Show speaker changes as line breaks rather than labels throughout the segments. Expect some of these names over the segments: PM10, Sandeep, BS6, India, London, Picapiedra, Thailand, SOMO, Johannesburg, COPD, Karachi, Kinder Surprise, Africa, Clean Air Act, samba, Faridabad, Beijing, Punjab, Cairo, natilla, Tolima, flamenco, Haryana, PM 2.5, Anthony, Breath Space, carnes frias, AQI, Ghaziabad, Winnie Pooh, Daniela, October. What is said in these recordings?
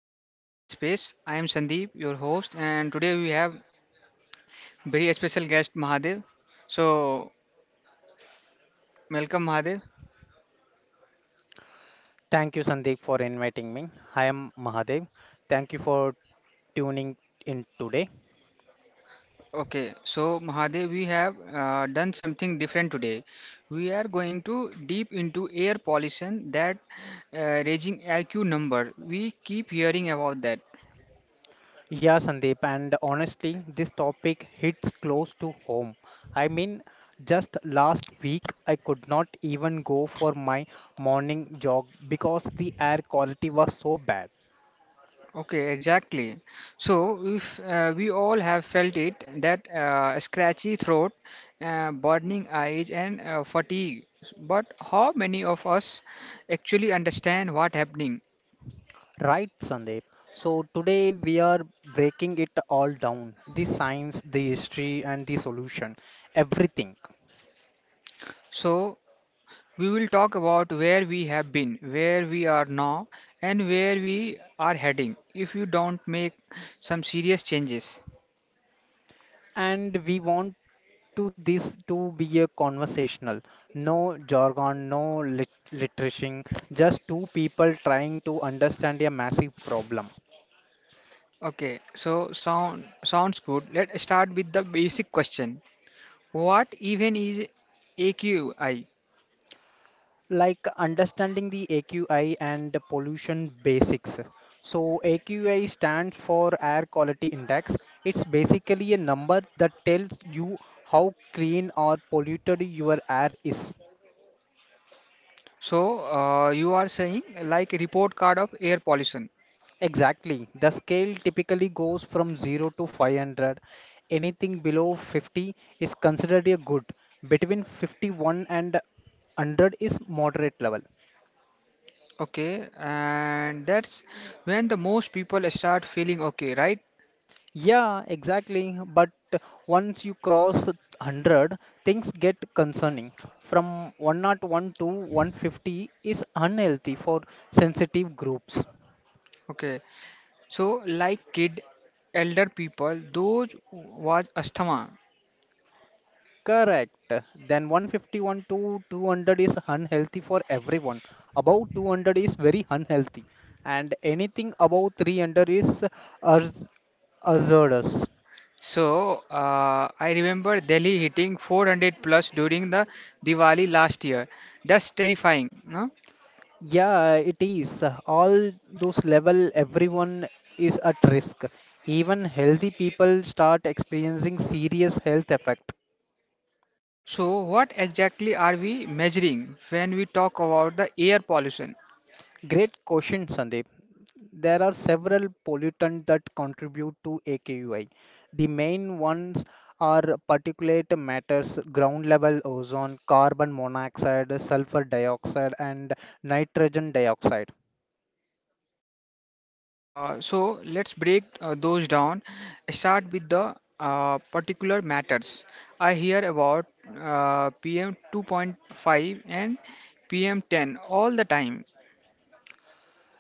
to the Breath Space. I am Sandeep, your host, and today we have very special guest Mahadev. So, welcome Mahadev.
Thank you, Sandeep, for inviting me. I am Mahadev. Thank you for tuning in today.
Okay, so Mahadev, we have done something different today. We are going to deep into air pollution that raging IQ number. We keep hearing about that.
Yeah, Sandeep, and honestly, this topic hits close to home. I mean, just last week, I could not even go for my morning jog because the air quality was so bad.
Okay, exactly. So, if we all have felt it, that scratchy throat, burning eyes, and fatigue. But how many of us actually understand what happening?
Right, Sandeep. So today we are breaking it all down, the science, the history, and the solution, everything.
So, we will talk about where we have been, where we are now, and where we are heading if you don't make some serious changes.
And we want to this to be a conversational. No jargon, no literating, just two people trying to understand a massive problem.
Okay, so sounds good. Let's start with the basic question. What even is AQI?
Like understanding the AQI and the pollution basics. So, AQI stands for Air Quality Index. It's basically a number that tells you how clean or polluted your air is.
So, you are saying like a report card of air pollution.
Exactly. The scale typically goes from 0 to 500. Anything below 50 is considered a good. Between 51 and 100 is moderate level.
Okay, and that's when the most people start feeling okay, right?
Yeah, exactly. But once you cross 100, things get concerning. From 101 to 150 is unhealthy for sensitive groups.
Okay. So, like kid, elder people, those was asthma.
Correct. Then 151 to 200 is unhealthy for everyone. Above 200 is very unhealthy. And anything above 300 is haz- hazardous.
So, I remember Delhi hitting 400 plus during the Diwali last year. That's terrifying, no?
Yeah, it is. All those level, everyone is at risk. Even healthy people start experiencing serious health effect.
So, what exactly are we measuring when we talk about the air pollution?
Great question, Sandeep. There are several pollutants that contribute to AKUI. The main ones are particulate matters, ground level ozone, carbon monoxide, sulfur dioxide, and nitrogen dioxide.
So let's break those down. Start with the particular matters. I hear about PM 2.5 and PM 10 all the time.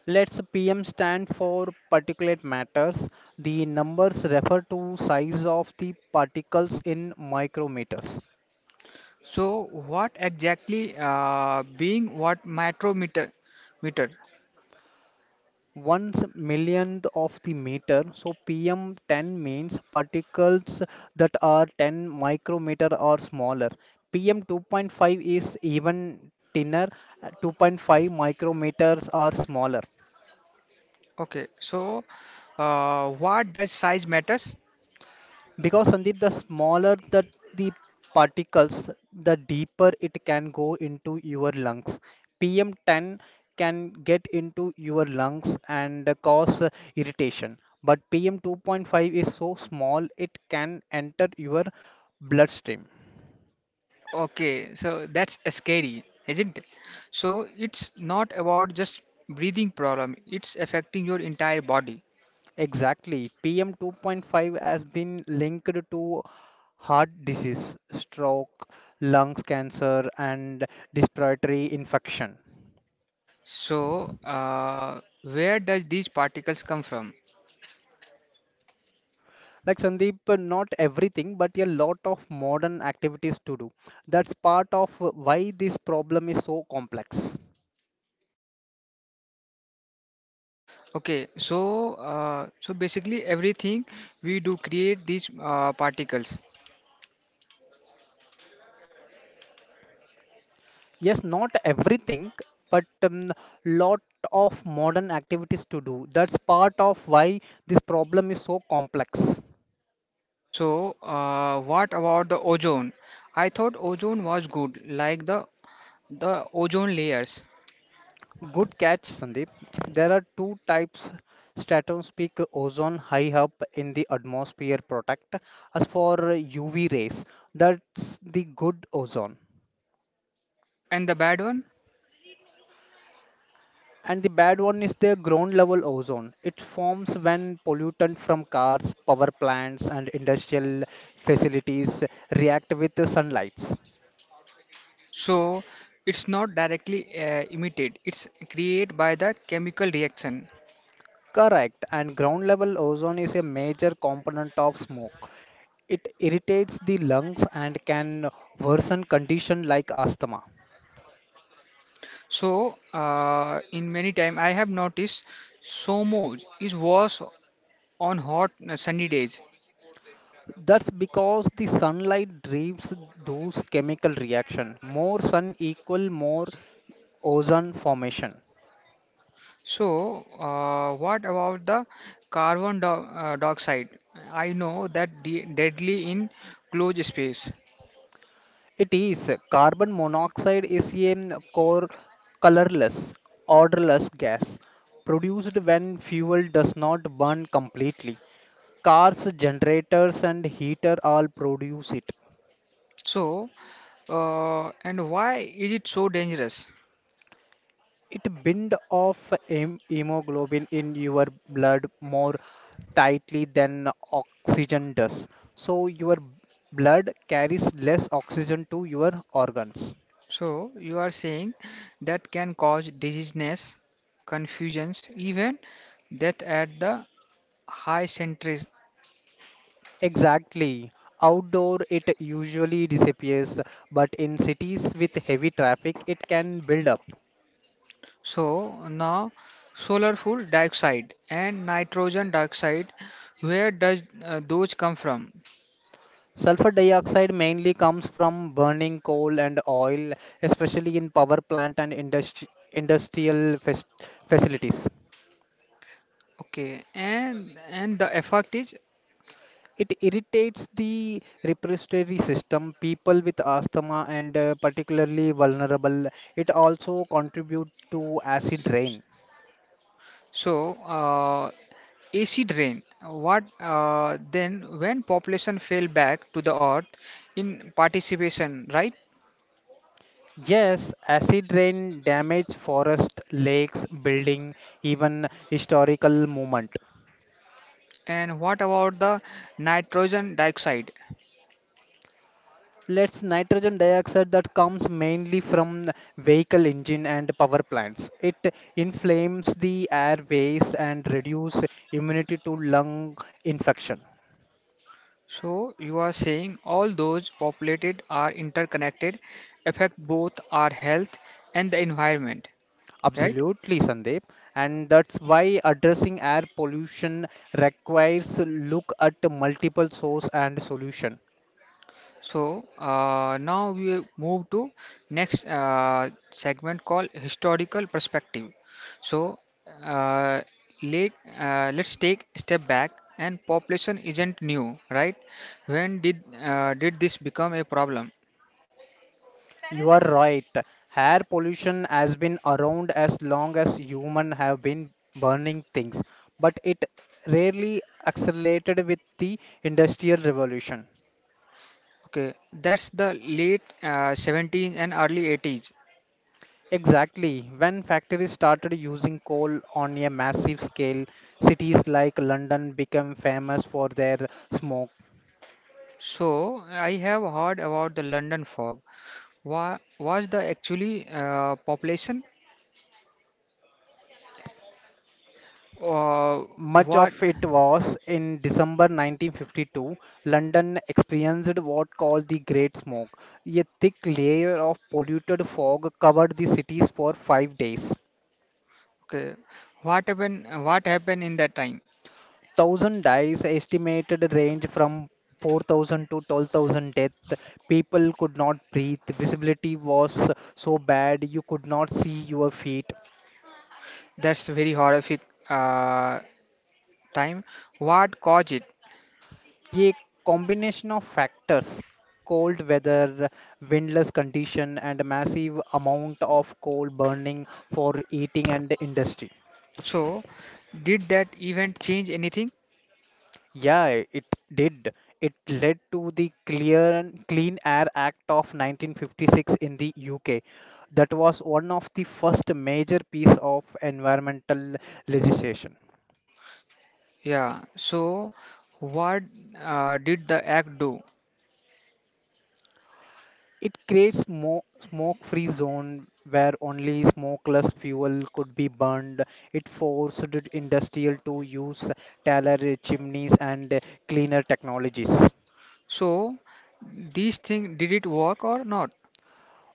Let's PM stand for particulate matters. The numbers refer to size of the particles in micrometers.
So what exactly being what micrometer meter?
One millionth of the meter. So PM 10 means particles that are 10 micrometer or smaller. PM 2.5 is even thinner, 2.5 micrometers or smaller.
Okay, so what does size matters?
Because Sandeep, the smaller the particles, the deeper it can go into your lungs. PM10 can get into your lungs and cause irritation. But PM2.5 is so small it can enter your bloodstream.
Okay, so that's scary, isn't it? So it's not about just breathing problem. It's affecting your entire body.
Exactly. PM2.5 has been linked to heart disease, stroke, lungs cancer, and respiratory infection.
So, where does these particles come from?
Like Sandeep, not everything, but a lot of modern activities to do. That's part of why this problem is so complex.
Okay, so so basically everything we do create these particles.
Yes, not everything, but lot of modern activities to do. That's part of why this problem is so complex.
So, what about the ozone? I thought ozone was good, like the ozone layers.
Good catch, Sandeep. There are two types stratospheric ozone high up in the atmosphere protect us for UV rays. That's the good ozone.
And the bad one?
And the bad one is the ground level ozone. It forms when pollutant from cars, power plants, and industrial facilities react with the sunlight.
So, it's not directly emitted. It's created by the chemical reaction.
Correct. And ground level ozone is a major component of smoke. It irritates the lungs and can worsen condition like asthma.
So, in many time I have noticed SOMO is worse on hot sunny days.
That's because the sunlight drives those chemical reaction. More sun equal more ozone formation.
So, what about the carbon do dioxide? I know that de deadly in closed space.
It is. Carbon monoxide is a colorless, odorless gas produced when fuel does not burn completely. Cars, generators, and heater all produce it.
So, and why is it so dangerous?
It bind off hemoglobin in your blood more tightly than oxygen does. So your blood carries less oxygen to your organs.
So, you are saying that can cause dizziness, confusions, even death at the high centuries.
Exactly. Outdoor, it usually disappears, but in cities with heavy traffic, it can build up.
So, now solar fuel dioxide and nitrogen dioxide, where does those come from?
Sulfur dioxide mainly comes from burning coal and oil, especially in power plant and industrial facilities.
Okay, and the effect is
It irritates the respiratory system, people with asthma and particularly vulnerable. It also contributes to acid rain.
so uh, acid rain. What then when population fell back to the earth in participation, right?
Yes, acid rain damaged forest, lakes, building, even historical movement.
And what about the nitrogen dioxide?
Let's nitrogen dioxide that comes mainly from vehicle engine and power plants. It inflames the airways and reduce immunity to lung infection.
So you are saying all those populated are interconnected, affect both our health and the environment, right?
Absolutely, Sandeep. And that's why addressing air pollution requires look at multiple source and solution.
So now we move to next segment called historical perspective. So uh, let let's take a step back. And population isn't new, right? When did this become a problem?
You are right. Air pollution has been around as long as humans have been burning things, but it rarely accelerated with the Industrial Revolution.
Okay, that's the late 17th and early 80s.
Exactly. When factories started using coal on a massive scale, cities like London became famous for their smoke.
So I have heard about the London fog. Wa was the actually population or
Much
what?
of it was in December 1952, London experienced what called the Great Smoke. A thick layer of polluted fog covered the cities for 5 days.
Okay, what happened? What happened in that time?
Thousand dies estimated range from 4,000 to 12,000 death. People could not breathe. Visibility was so bad you could not see your feet.
That's very horrific uh, time. What caused it?
ये combination of factors, cold weather, windless condition, and massive amount of coal burning for heating and industry.
So, did that event change anything?
Yeah, it did. It led to the Clear Clean Air Act of 1956 in the UK. That was one of the first major piece of environmental legislation.
Yeah. So, what did the act do?
It creates smoke-free zone where only smokeless fuel could be burned. It forced industrial to use taller chimneys and cleaner technologies.
So, these thing did it work or not?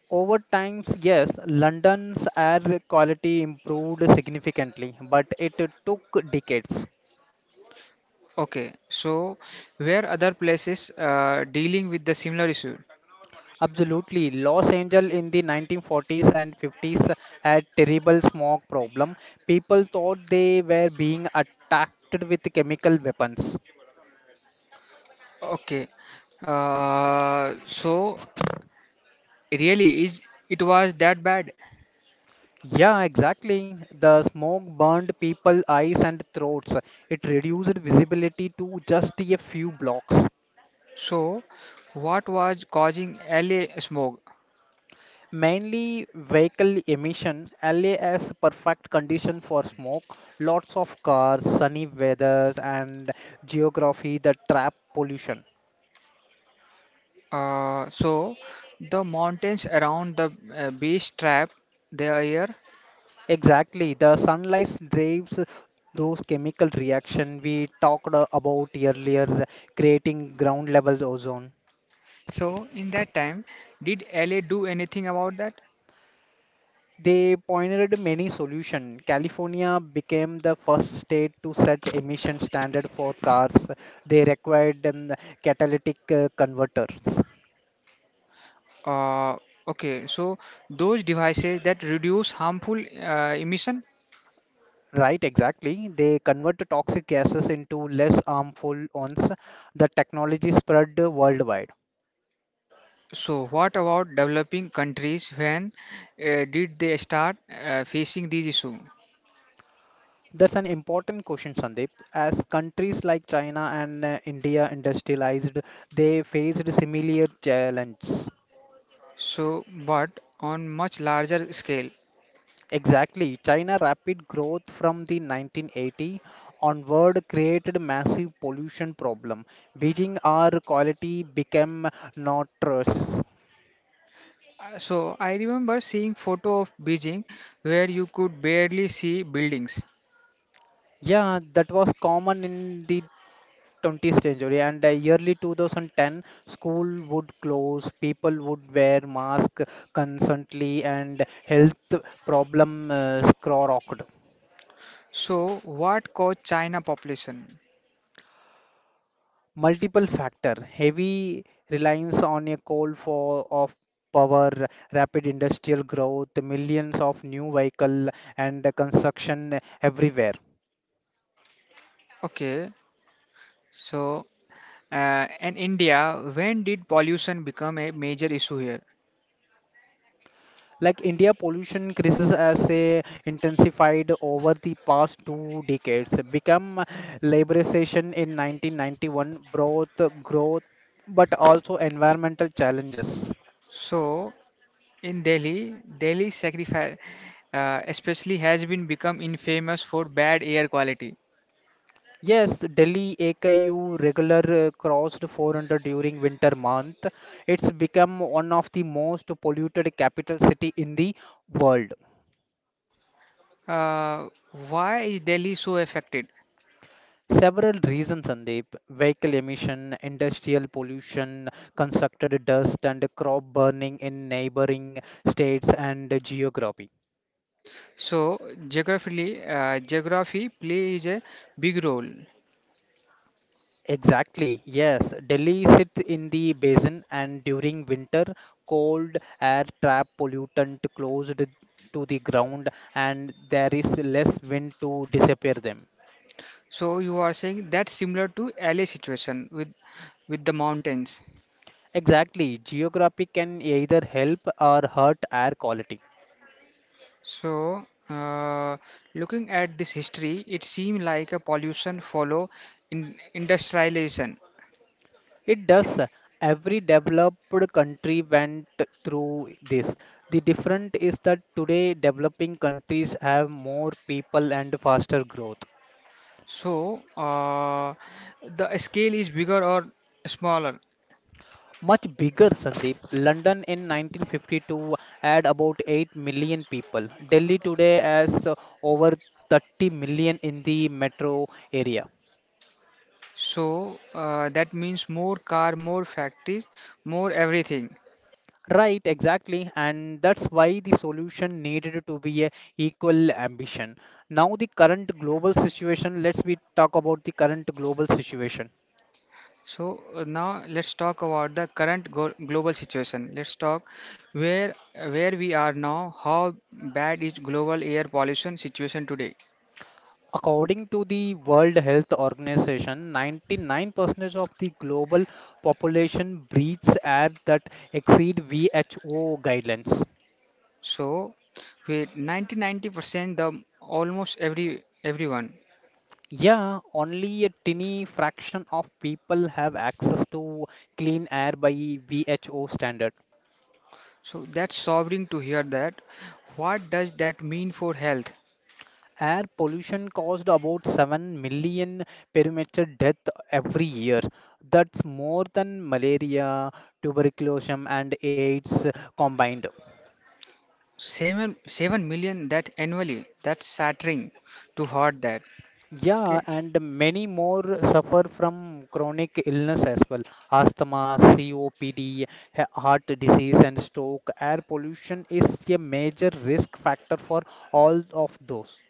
Over time, yes, London's air quality improved significantly, but it took decades.
Okay. So, where other places dealing with the similar issue?
Absolutely. Los Angeles in the 1940s and 50s had terrible smog problem. People thought they were being attacked with chemical weapons.
Okay. Uh, so, really, is it was that bad?
Yeah, exactly. The smoke burned people eyes and throats. It reduced visibility to just a few blocks.
So, what was causing LA smog?
Mainly vehicle emission, LA has perfect condition for smoke, lots of cars, sunny weather, and geography that trap pollution.
Uh, so, the mountains around the beach trap their air.
Exactly, the sunlight drives those chemical reaction we talked about earlier, creating ground level ozone.
So, in that time, did LA do anything about that?
They pioneered many solutions. California became the first state to set emission standard for cars. They required catalytic converters.
Uh, okay, so those devices that reduce harmful emission.
Right, exactly. They convert the toxic gases into less harmful ones. The technology spread worldwide.
So, what about developing countries? When did they start facing these issues?
That's an important question, Sandeep. As countries like China and India industrialized, they faced similar challenges.
So, but on much larger scale.
Exactly. China rapid growth from the 1980 onward created massive pollution problem. Beijing air quality became notorious.
So I remember seeing photo of Beijing where you could barely see buildings.
Yeah, that was common in the 20th century and early 2010 school would close, people would wear mask constantly and health problem skyrocketed.
So what caused China population?
Multiple factor, heavy reliance on a coal for of power, rapid industrial growth, millions of new vehicle, and construction everywhere.
Okay, so and India, when did pollution become a major issue here?
Like India pollution crisis as a intensified over the past 2 decades. Become liberalization in 1991 brought growth but also environmental challenges.
So in Delhi, Delhi sacrifice especially has been become infamous for bad air quality.
Yes, Delhi AKU regular crossed 400 during winter month. It's become one of the most polluted capital city in the world.
Uh, why is Delhi so affected?
Several reasons, Sandeep. Vehicle emission, industrial pollution, constructed dust and crop burning in neighboring states and geography.
So geographically, geography plays a big role.
Exactly, yes. Delhi sits in the basin, and during winter, cold air trap pollutant closed to the ground, and there is less wind to disappear them.
So you are saying that's similar to LA situation with the mountains.
Exactly, geography can either help or hurt air quality.
So looking at this history, it seems like a pollution follow in industrialization.
It does. Every developed country went through this. The difference is that today developing countries have more people and faster growth.
So the scale is bigger or smaller.
Much bigger, Sandeep. London in 1952 had about 8 million people. Delhi today has over 30 million in the metro area.
So that means more car, more factories, more everything.
Right, exactly. And that's why the solution needed to be a equal ambition. Now the current global situation, let's we talk about the current global situation.
So now let's talk about the current go global situation. Let's talk where where we are now. How bad is global air pollution situation today?
According to the World Health Organization, 99% of the global population breathes air that exceed WHO guidelines.
So with 90-90% the almost everyone.
Yeah, only a tiny fraction of people have access to clean air by WHO standard.
So that's sobering to hear that. What does that mean for health?
Air pollution caused about 7 million perimeter death every year. That's more than malaria, tuberculosis, and AIDS combined.
Seven seven million that annually. That's shattering to heart that.
Yeah,
Okay.
and many more suffer from chronic illness as well. Asthma, COPD, heart disease, and stroke. Air pollution is a major risk factor for all of those.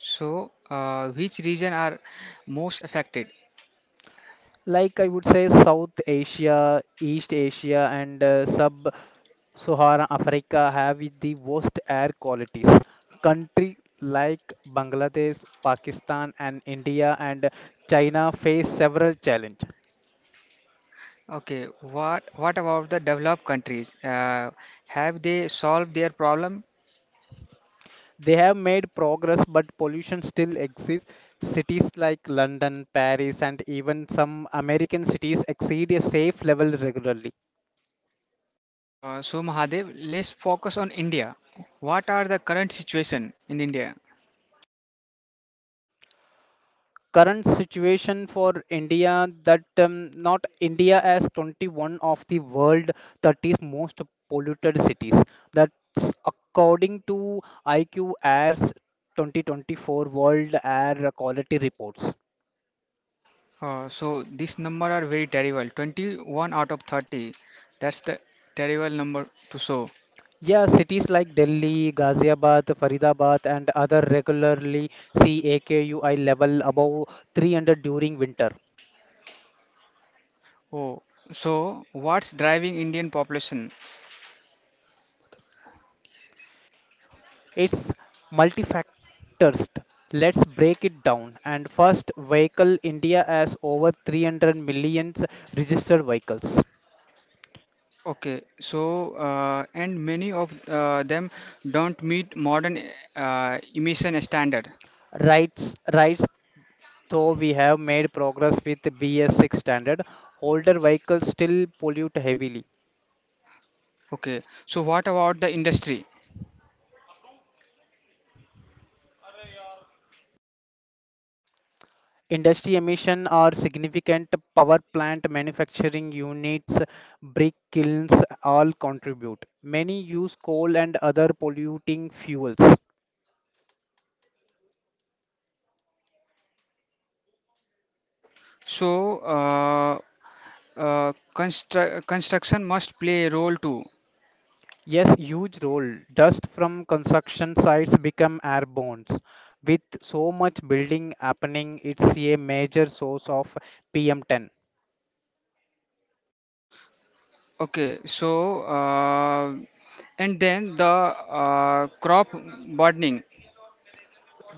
So which region are most affected?
Like I would say, South Asia, East Asia, and sub-Saharan Africa have the worst air qualities. Country like Bangladesh, Pakistan, and India and China face several challenges.
Okay, what about the developed countries? Have they solved their problem?
They have made progress, but pollution still exists. Cities like London, Paris, and even some American cities exceed a safe level regularly.
So Mahadev, let's focus on India. What are the current situation in India?
Current situation for India that not India as 21 of the world 30 most polluted cities. That's according to IQ Air's 2024 World Air Quality Reports.
So this number are very terrible. 21 out of 30. That's the terrible number to show.
Yeah, cities like Delhi, Ghaziabad, Faridabad, and other regularly see AKUI level above 300 during winter.
Oh, so what's driving Indian population?
It's multifactors. Let's break it down. And first, vehicle India has over 300 million registered vehicles.
Okay, so and many of them don't meet modern emission standard.
Rights, rights. Though we have made progress with BS6 standard, older vehicles still pollute heavily.
Okay, so what about the industry?
Industry emission are significant power plant manufacturing units, brick kilns all contribute. Many use coal and other polluting fuels.
So, construction must play a role too.
Yes, huge role. Dust from construction sites become airborne. With so much building happening, it's a major source of PM10.
Okay, so and then the crop burning.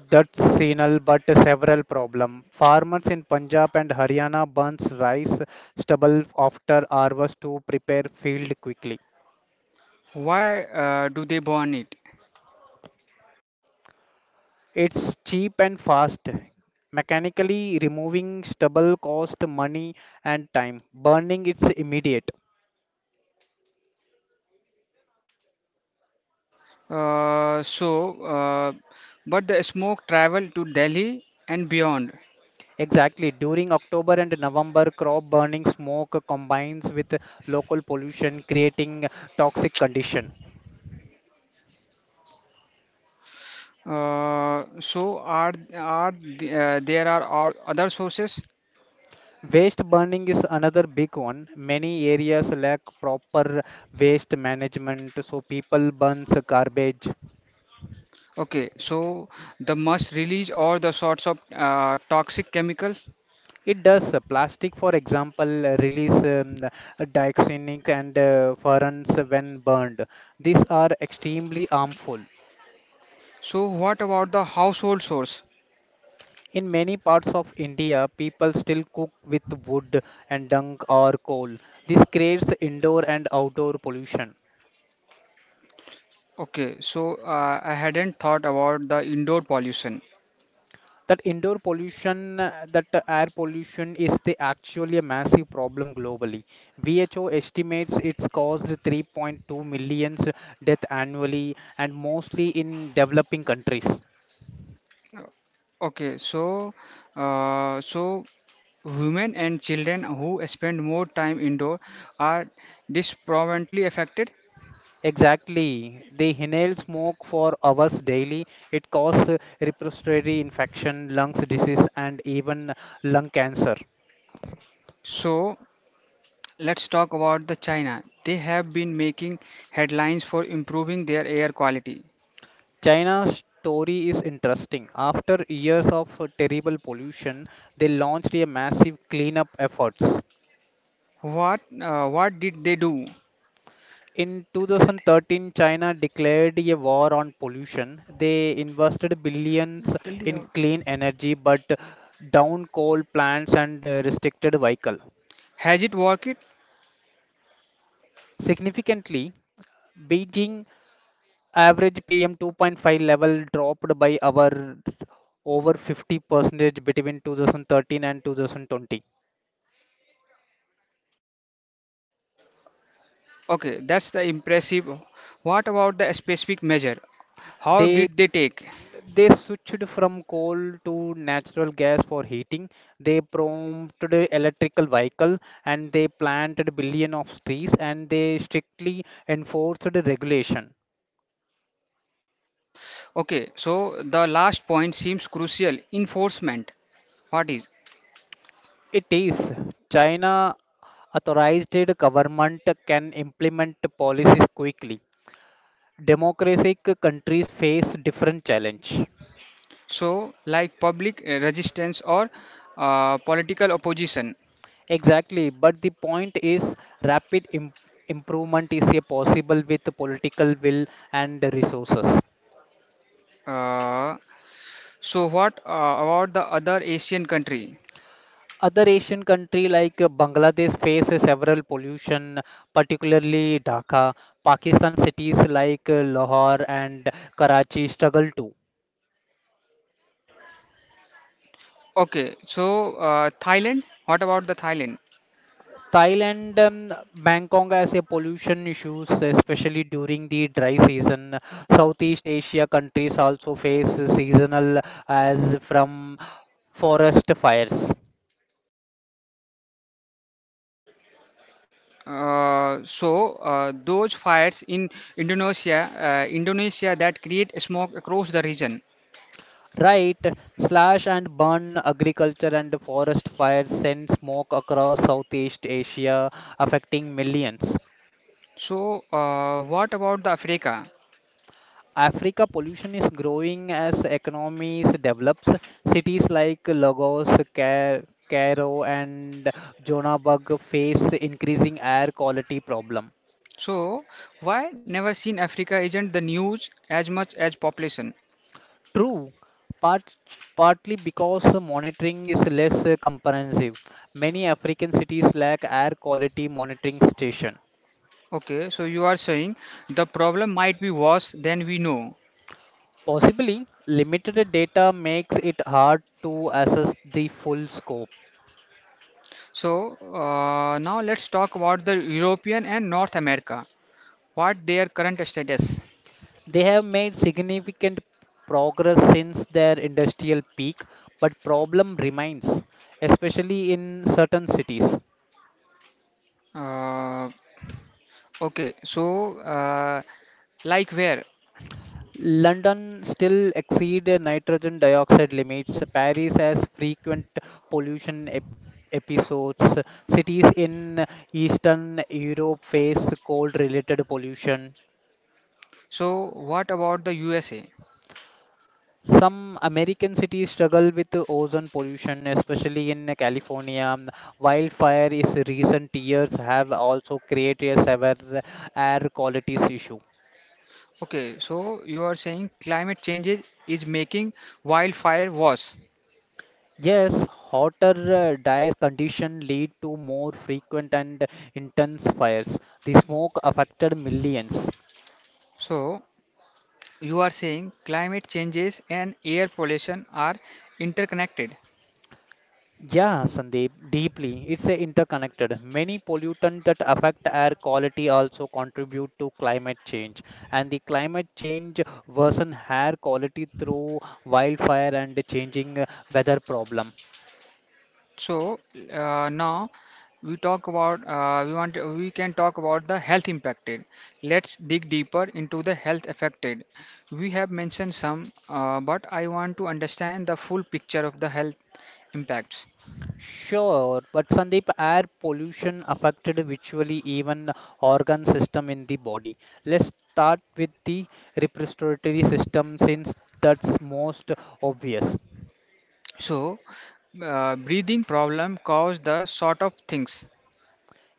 That's signal but several problem. Farmers in Punjab and Haryana burns rice stubble after harvest to prepare field quickly.
Why do they burn it?
It's cheap and fast. Mechanically removing stubble costs money and time. Burning it's immediate.
So, but the smoke travel to Delhi and beyond.
Exactly. During October and November, crop burning smoke combines with local pollution, creating toxic condition.
So, there are other sources?
Waste burning is another big one. Many areas lack proper waste management, so people burns garbage.
Okay, so the must release or the sorts of toxic chemical.
It does. Plastic, for example, release the dioxinic and furans when burned. These are extremely harmful.
So what about the household source?
In many parts of India, people still cook with wood and dung or coal. This creates indoor and outdoor pollution.
Okay, so I hadn't thought about the indoor pollution.
That indoor pollution, that air pollution is the actually a massive problem globally. WHO estimates it's caused 3.2 million deaths annually and mostly in developing countries.
Okay, so uh, so women and children who spend more time indoor are disproportionately affected.
Exactly. They inhale smoke for hours daily. It causes respiratory infection, lungs disease, and even lung cancer.
So let's talk about the China. They have been making headlines for improving their air quality.
China's story is interesting. After years of terrible pollution, they launched a massive cleanup efforts.
What did they do?
In 2013, China declared a war on pollution. They invested billions
जल्दी आओ.
in clean energy but down coal plants and restricted vehicle.
Has it worked?
Significantly, Beijing average PM 2.5 level dropped by our over 50% between 2013 and 2020.
Okay, that's the impressive. What about the specific measure? How
They
did they take?
They switched from coal to natural gas for heating. They prompted electrical vehicle and they planted billion of trees and they strictly enforced the regulation.
Okay, so the last point seems crucial. Enforcement. What is?
It is China authorized government can implement policies quickly. Democratic countries face different challenge.
So, like public resistance or political opposition.
Exactly, but the point is rapid im- improvement is a possible with political will and resources.
Uh, what about the other Asian country?
Other asian country like bangladesh face several pollution particularly dhaka pakistan cities like lahore and karachi struggle too.
Okay, so Thailand. What about the Thailand?
Thailand, bangkok has a pollution issues especially during the dry season. Southeast asia countries also face seasonal as from forest fires.
Those fires in Indonesia, Indonesia that create smoke across the region.
Right, slash and burn agriculture and forest fires send smoke across Southeast Asia, affecting millions.
So what about the Africa?
Africa pollution is growing as economies develops. Cities like Lagos, Ca- Cairo, and Johannesburg face increasing air quality problem.
So why never seen Africa isn't the news as much as population?
True, part, partly because monitoring is less comprehensive. Many African cities lack air quality monitoring station.
Okay, so you are saying the problem might be worse than we know.
Possibly, limited data makes it hard to assess the full scope.
So now let's talk about the European and North America. What their current status?
They have made significant progress since their industrial peak, but problem remains, especially in certain cities.
Uh, okay, so uh, like where?
London still exceed nitrogen dioxide limits. Paris has frequent pollution ep- episodes. Cities in Eastern Europe face cold related pollution.
So, what about the USA?
Some American cities struggle with the ozone pollution, especially in California. Wildfire is recent years have also created a severe air quality issue.
Okay, so you are saying climate changes is making wildfire worse.
Yes, hotter dies condition lead to more frequent and intense fires. The smoke affected millions.
So, you are saying climate changes and air pollution are interconnected.
Yeah, Sandeep, deeply. It's a interconnected. Many pollutants that affect air quality also contribute to climate change, and the climate change worsen air quality through wildfire and changing weather problem.
So, now we talk about we want we can talk about the health impacted. Let's dig deeper into the health affected. We have mentioned some, but I want to understand the full picture of the health impacts.
Sure, but Sandeep, air pollution affected visually even organ system in the body. Let's start with the respiratory system since that's most obvious.
So, breathing problem cause the sort of things.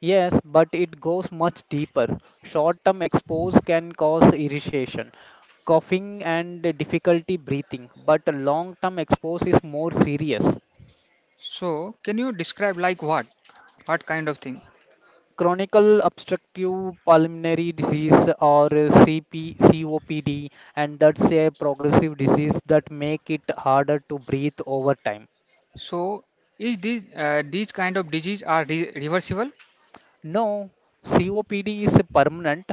Yes, but it goes much deeper. Short term exposure can cause irritation, coughing, and difficulty breathing, but long term exposure is more serious.
So, can you describe like what? What kind of thing?
Chronic obstructive pulmonary disease or COPD, and that's a progressive disease that make it harder to breathe over time.
So, is this these kind of disease are re reversible?
No, COPD is permanent,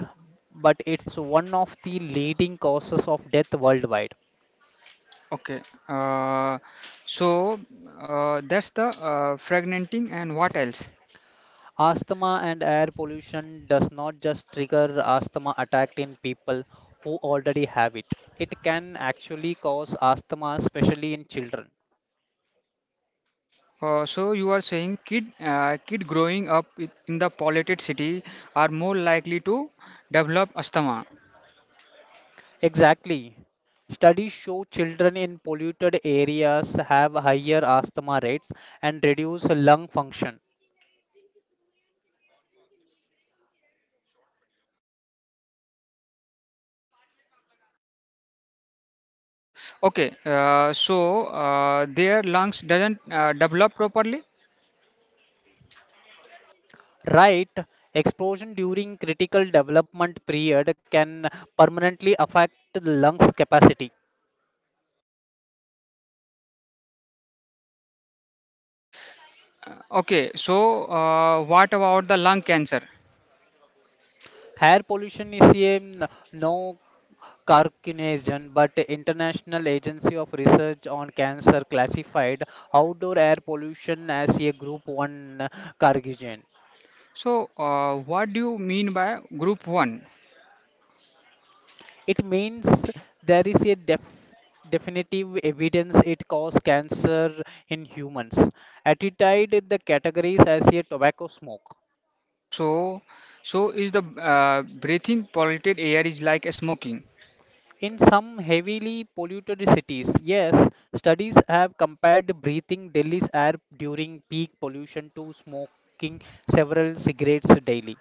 but it's one of the leading causes of death worldwide.
Okay. Uh, so that's the fragmenting and what else?
Asthma and air pollution does not just trigger asthma attack in people who already have it. It can actually cause asthma, especially in children.
So You are saying kid growing up in the polluted city are more likely to develop asthma.
Exactly. Studies show children in polluted areas have higher asthma rates and reduce lung function.
Their lungs doesn't develop properly.
Right, explosion during critical development period can permanently affect the lungs capacity.
Okay, so what about the lung cancer?
Air pollution is a no Carcination, but International Agency of Research on Cancer classified outdoor air pollution as a Group 1 carcinogen.
So what do you mean by group 1?
It means there is a definitive evidence it causes cancer in humans. Attitude the categories as a tobacco smoke.
So is the breathing polluted air is like a smoking.
In some heavily polluted cities, yes, studies have compared breathing Delhi's air during peak pollution to smoking several cigarettes daily.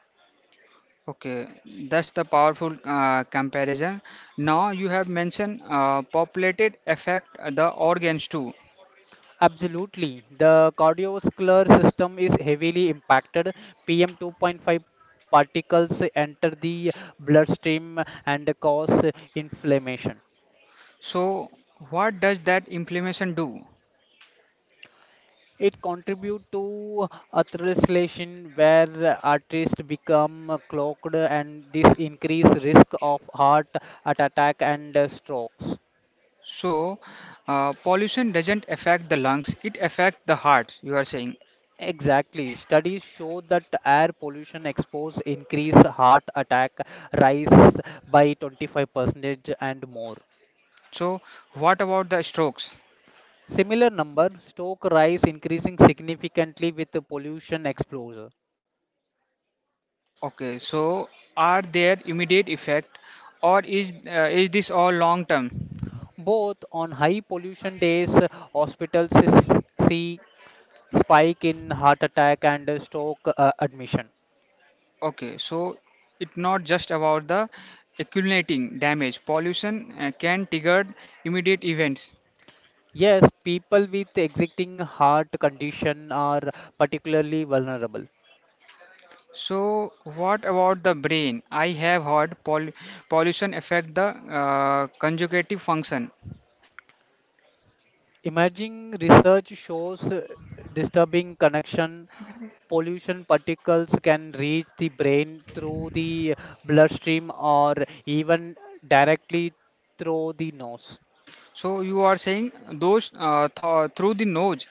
Okay, that's the powerful comparison. Now you have mentioned populated affect the organs too.
Absolutely. The cardiovascular system is heavily impacted. PM 2.5 particles enter the bloodstream and cause inflammation.
So what does that inflammation do?
It contributes to atherosclerosis, where arteries become clogged, and this increase risk of heart attack and strokes.
So pollution doesn't affect the lungs, it affects the heart, you are saying.
Exactly. Studies show that air pollution expose increase heart attack rise by 25% and more.
So what about the strokes?
Similar number, stroke rise increasing significantly with the pollution exposure.
Okay, so are there immediate effect or is this all long term?
Both on high pollution days, hospitals s- see spike in heart attack and stroke admission.
Okay, so it's not just about the accumulating damage. Pollution can trigger immediate events.
Yes, people with existing heart condition are particularly vulnerable.
So what about the brain? I have heard pollution affect the conjugative function.
Emerging research shows disturbing connection. Pollution particles can reach the brain through the bloodstream or even directly through the nose.
So you are saying those th through the nose.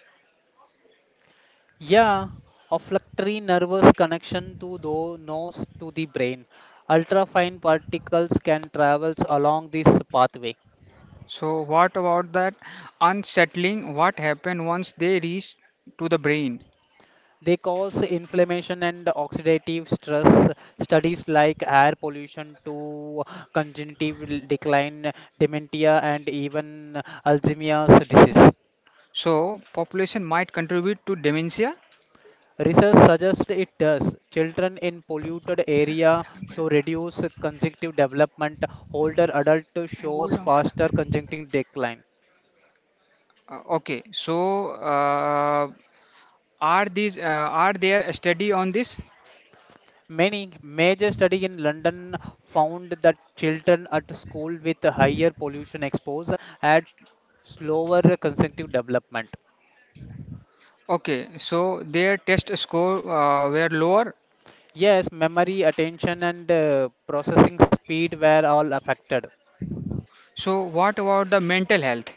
Yeah, olfactory nervous connection to the nose to the brain. Ultrafine particles can travel along this pathway.
So what about that unsettling? What happen once they reach to the brain?
They cause inflammation and oxidative stress. Studies like air pollution to cognitive decline, dementia, and even Alzheimer's disease.
So, population might contribute to dementia.
Research suggests it does. Children in polluted
sir
area
खत्म कर
show
देता.
reduced conjunctive development. Older adult
मैं बोल
shows
रहा हूँ खत्म
faster
करने के लिए.
conjunctive decline.
Uh, okay, so uh, are these are there a study on this?
Many major study in London found that children at school with higher pollution exposure had slower consecutive development.
Okay, so their test score were lower.
Yes, memory, attention, and processing speed were all affected.
So, what about the mental health?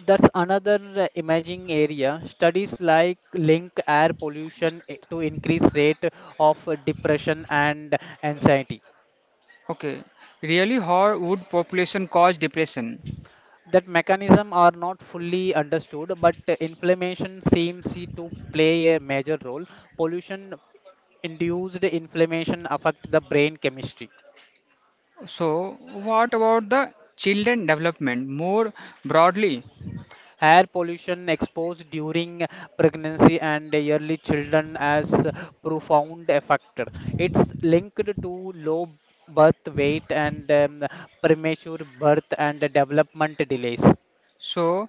That's another imaging area. Studies like link air pollution to increased rate of depression and anxiety.
Okay, really, how would population cause depression?
That mechanism are not fully understood, but inflammation seems to play a major role. Pollution induced inflammation affect the brain chemistry.
So, what about the children development more broadly?
Air pollution exposed during pregnancy and early children has profound effect. It's linked to low birth weight and premature birth and development delays.
So,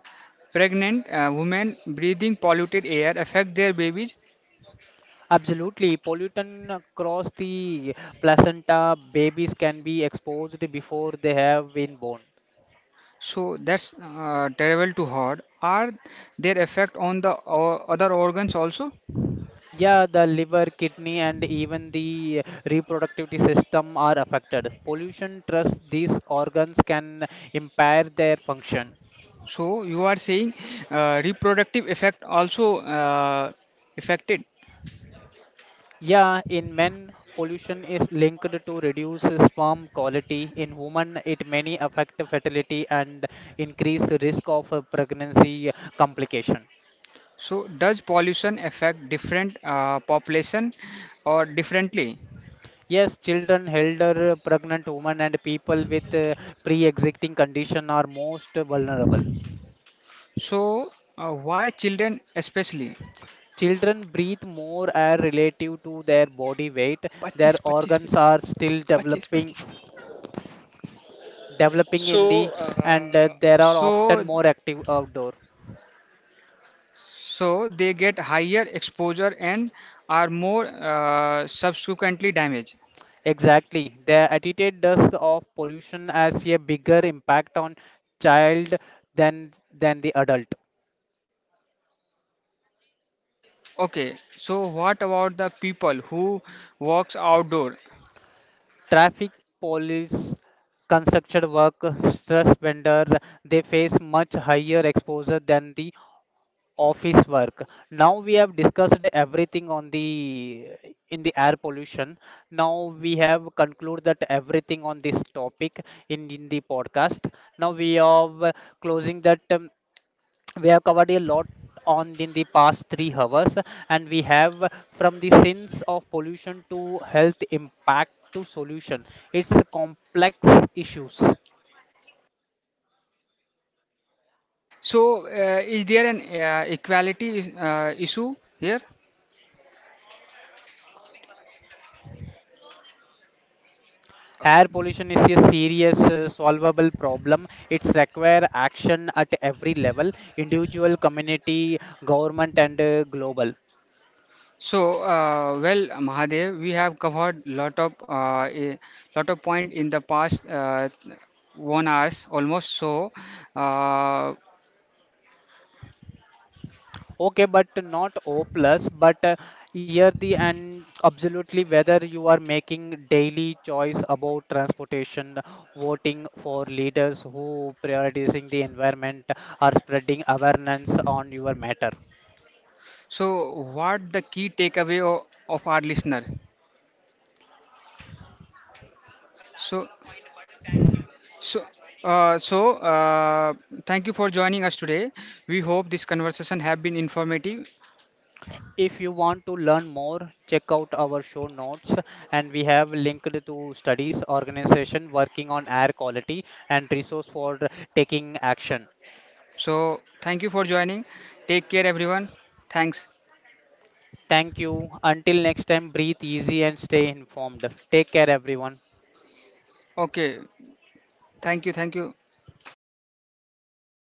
pregnant women breathing polluted air affect their babies.
Absolutely. Pollutant across the placenta, babies can be exposed before they have been born.
So that's terrible to hear. Are their effect on the other organs also?
Yeah, the liver, kidney, and even the reproductive system are affected. Pollution trusts these organs can impair their function.
So you are saying reproductive effect also affected.
Yeah, in men, pollution is linked to reduced sperm quality. In women, it may affect fertility and increase risk of pregnancy complication.
So does pollution affect different population or differently?
Yes, children, elder, pregnant women, and people with pre-existing condition are most vulnerable.
So why children especially?
Children breathe more air relative to their body weight. Their
25, 25.
organs are still developing, developing in
So,
the, and there are
so
often more active outdoor.
They get higher exposure and are more subsequently damaged.
Exactly, the attitude does of pollution has a bigger impact on child than the adult.
Okay, so what about the people who works outdoor?
Traffic police, construction work, stress vendor, they face much higher exposure than the office work. Now we have discussed everything on the in the air pollution. Now we have concluded that everything on this topic in the podcast. Now we are closing that we have covered a lot on in the past 3 hours and we have from the sins of pollution to health impact to solution. It's a complex issues.
So is there an equality issue here?
Air pollution is a serious solvable problem. It's require action at every level, individual community, government, and global.
So well, Mahadev, we have covered lot of point in the past 1 hour almost. So uh,
Okay, but not O plus, but here the and absolutely whether you are making daily choice about transportation, voting for leaders who prioritizing the environment or spreading awareness on your matter.
what the key takeaway of our listeners? So So, so thank you for joining us today. We hope this conversation have been informative.
If you want to learn more, check out our show notes and we have linked to studies, organization working on air quality and resource for taking action.
So, thank you for joining. Take care, everyone. Thanks.
Thank you. Until next time, breathe easy and stay informed. Take care, everyone.
Okay. Thank you. Thank you.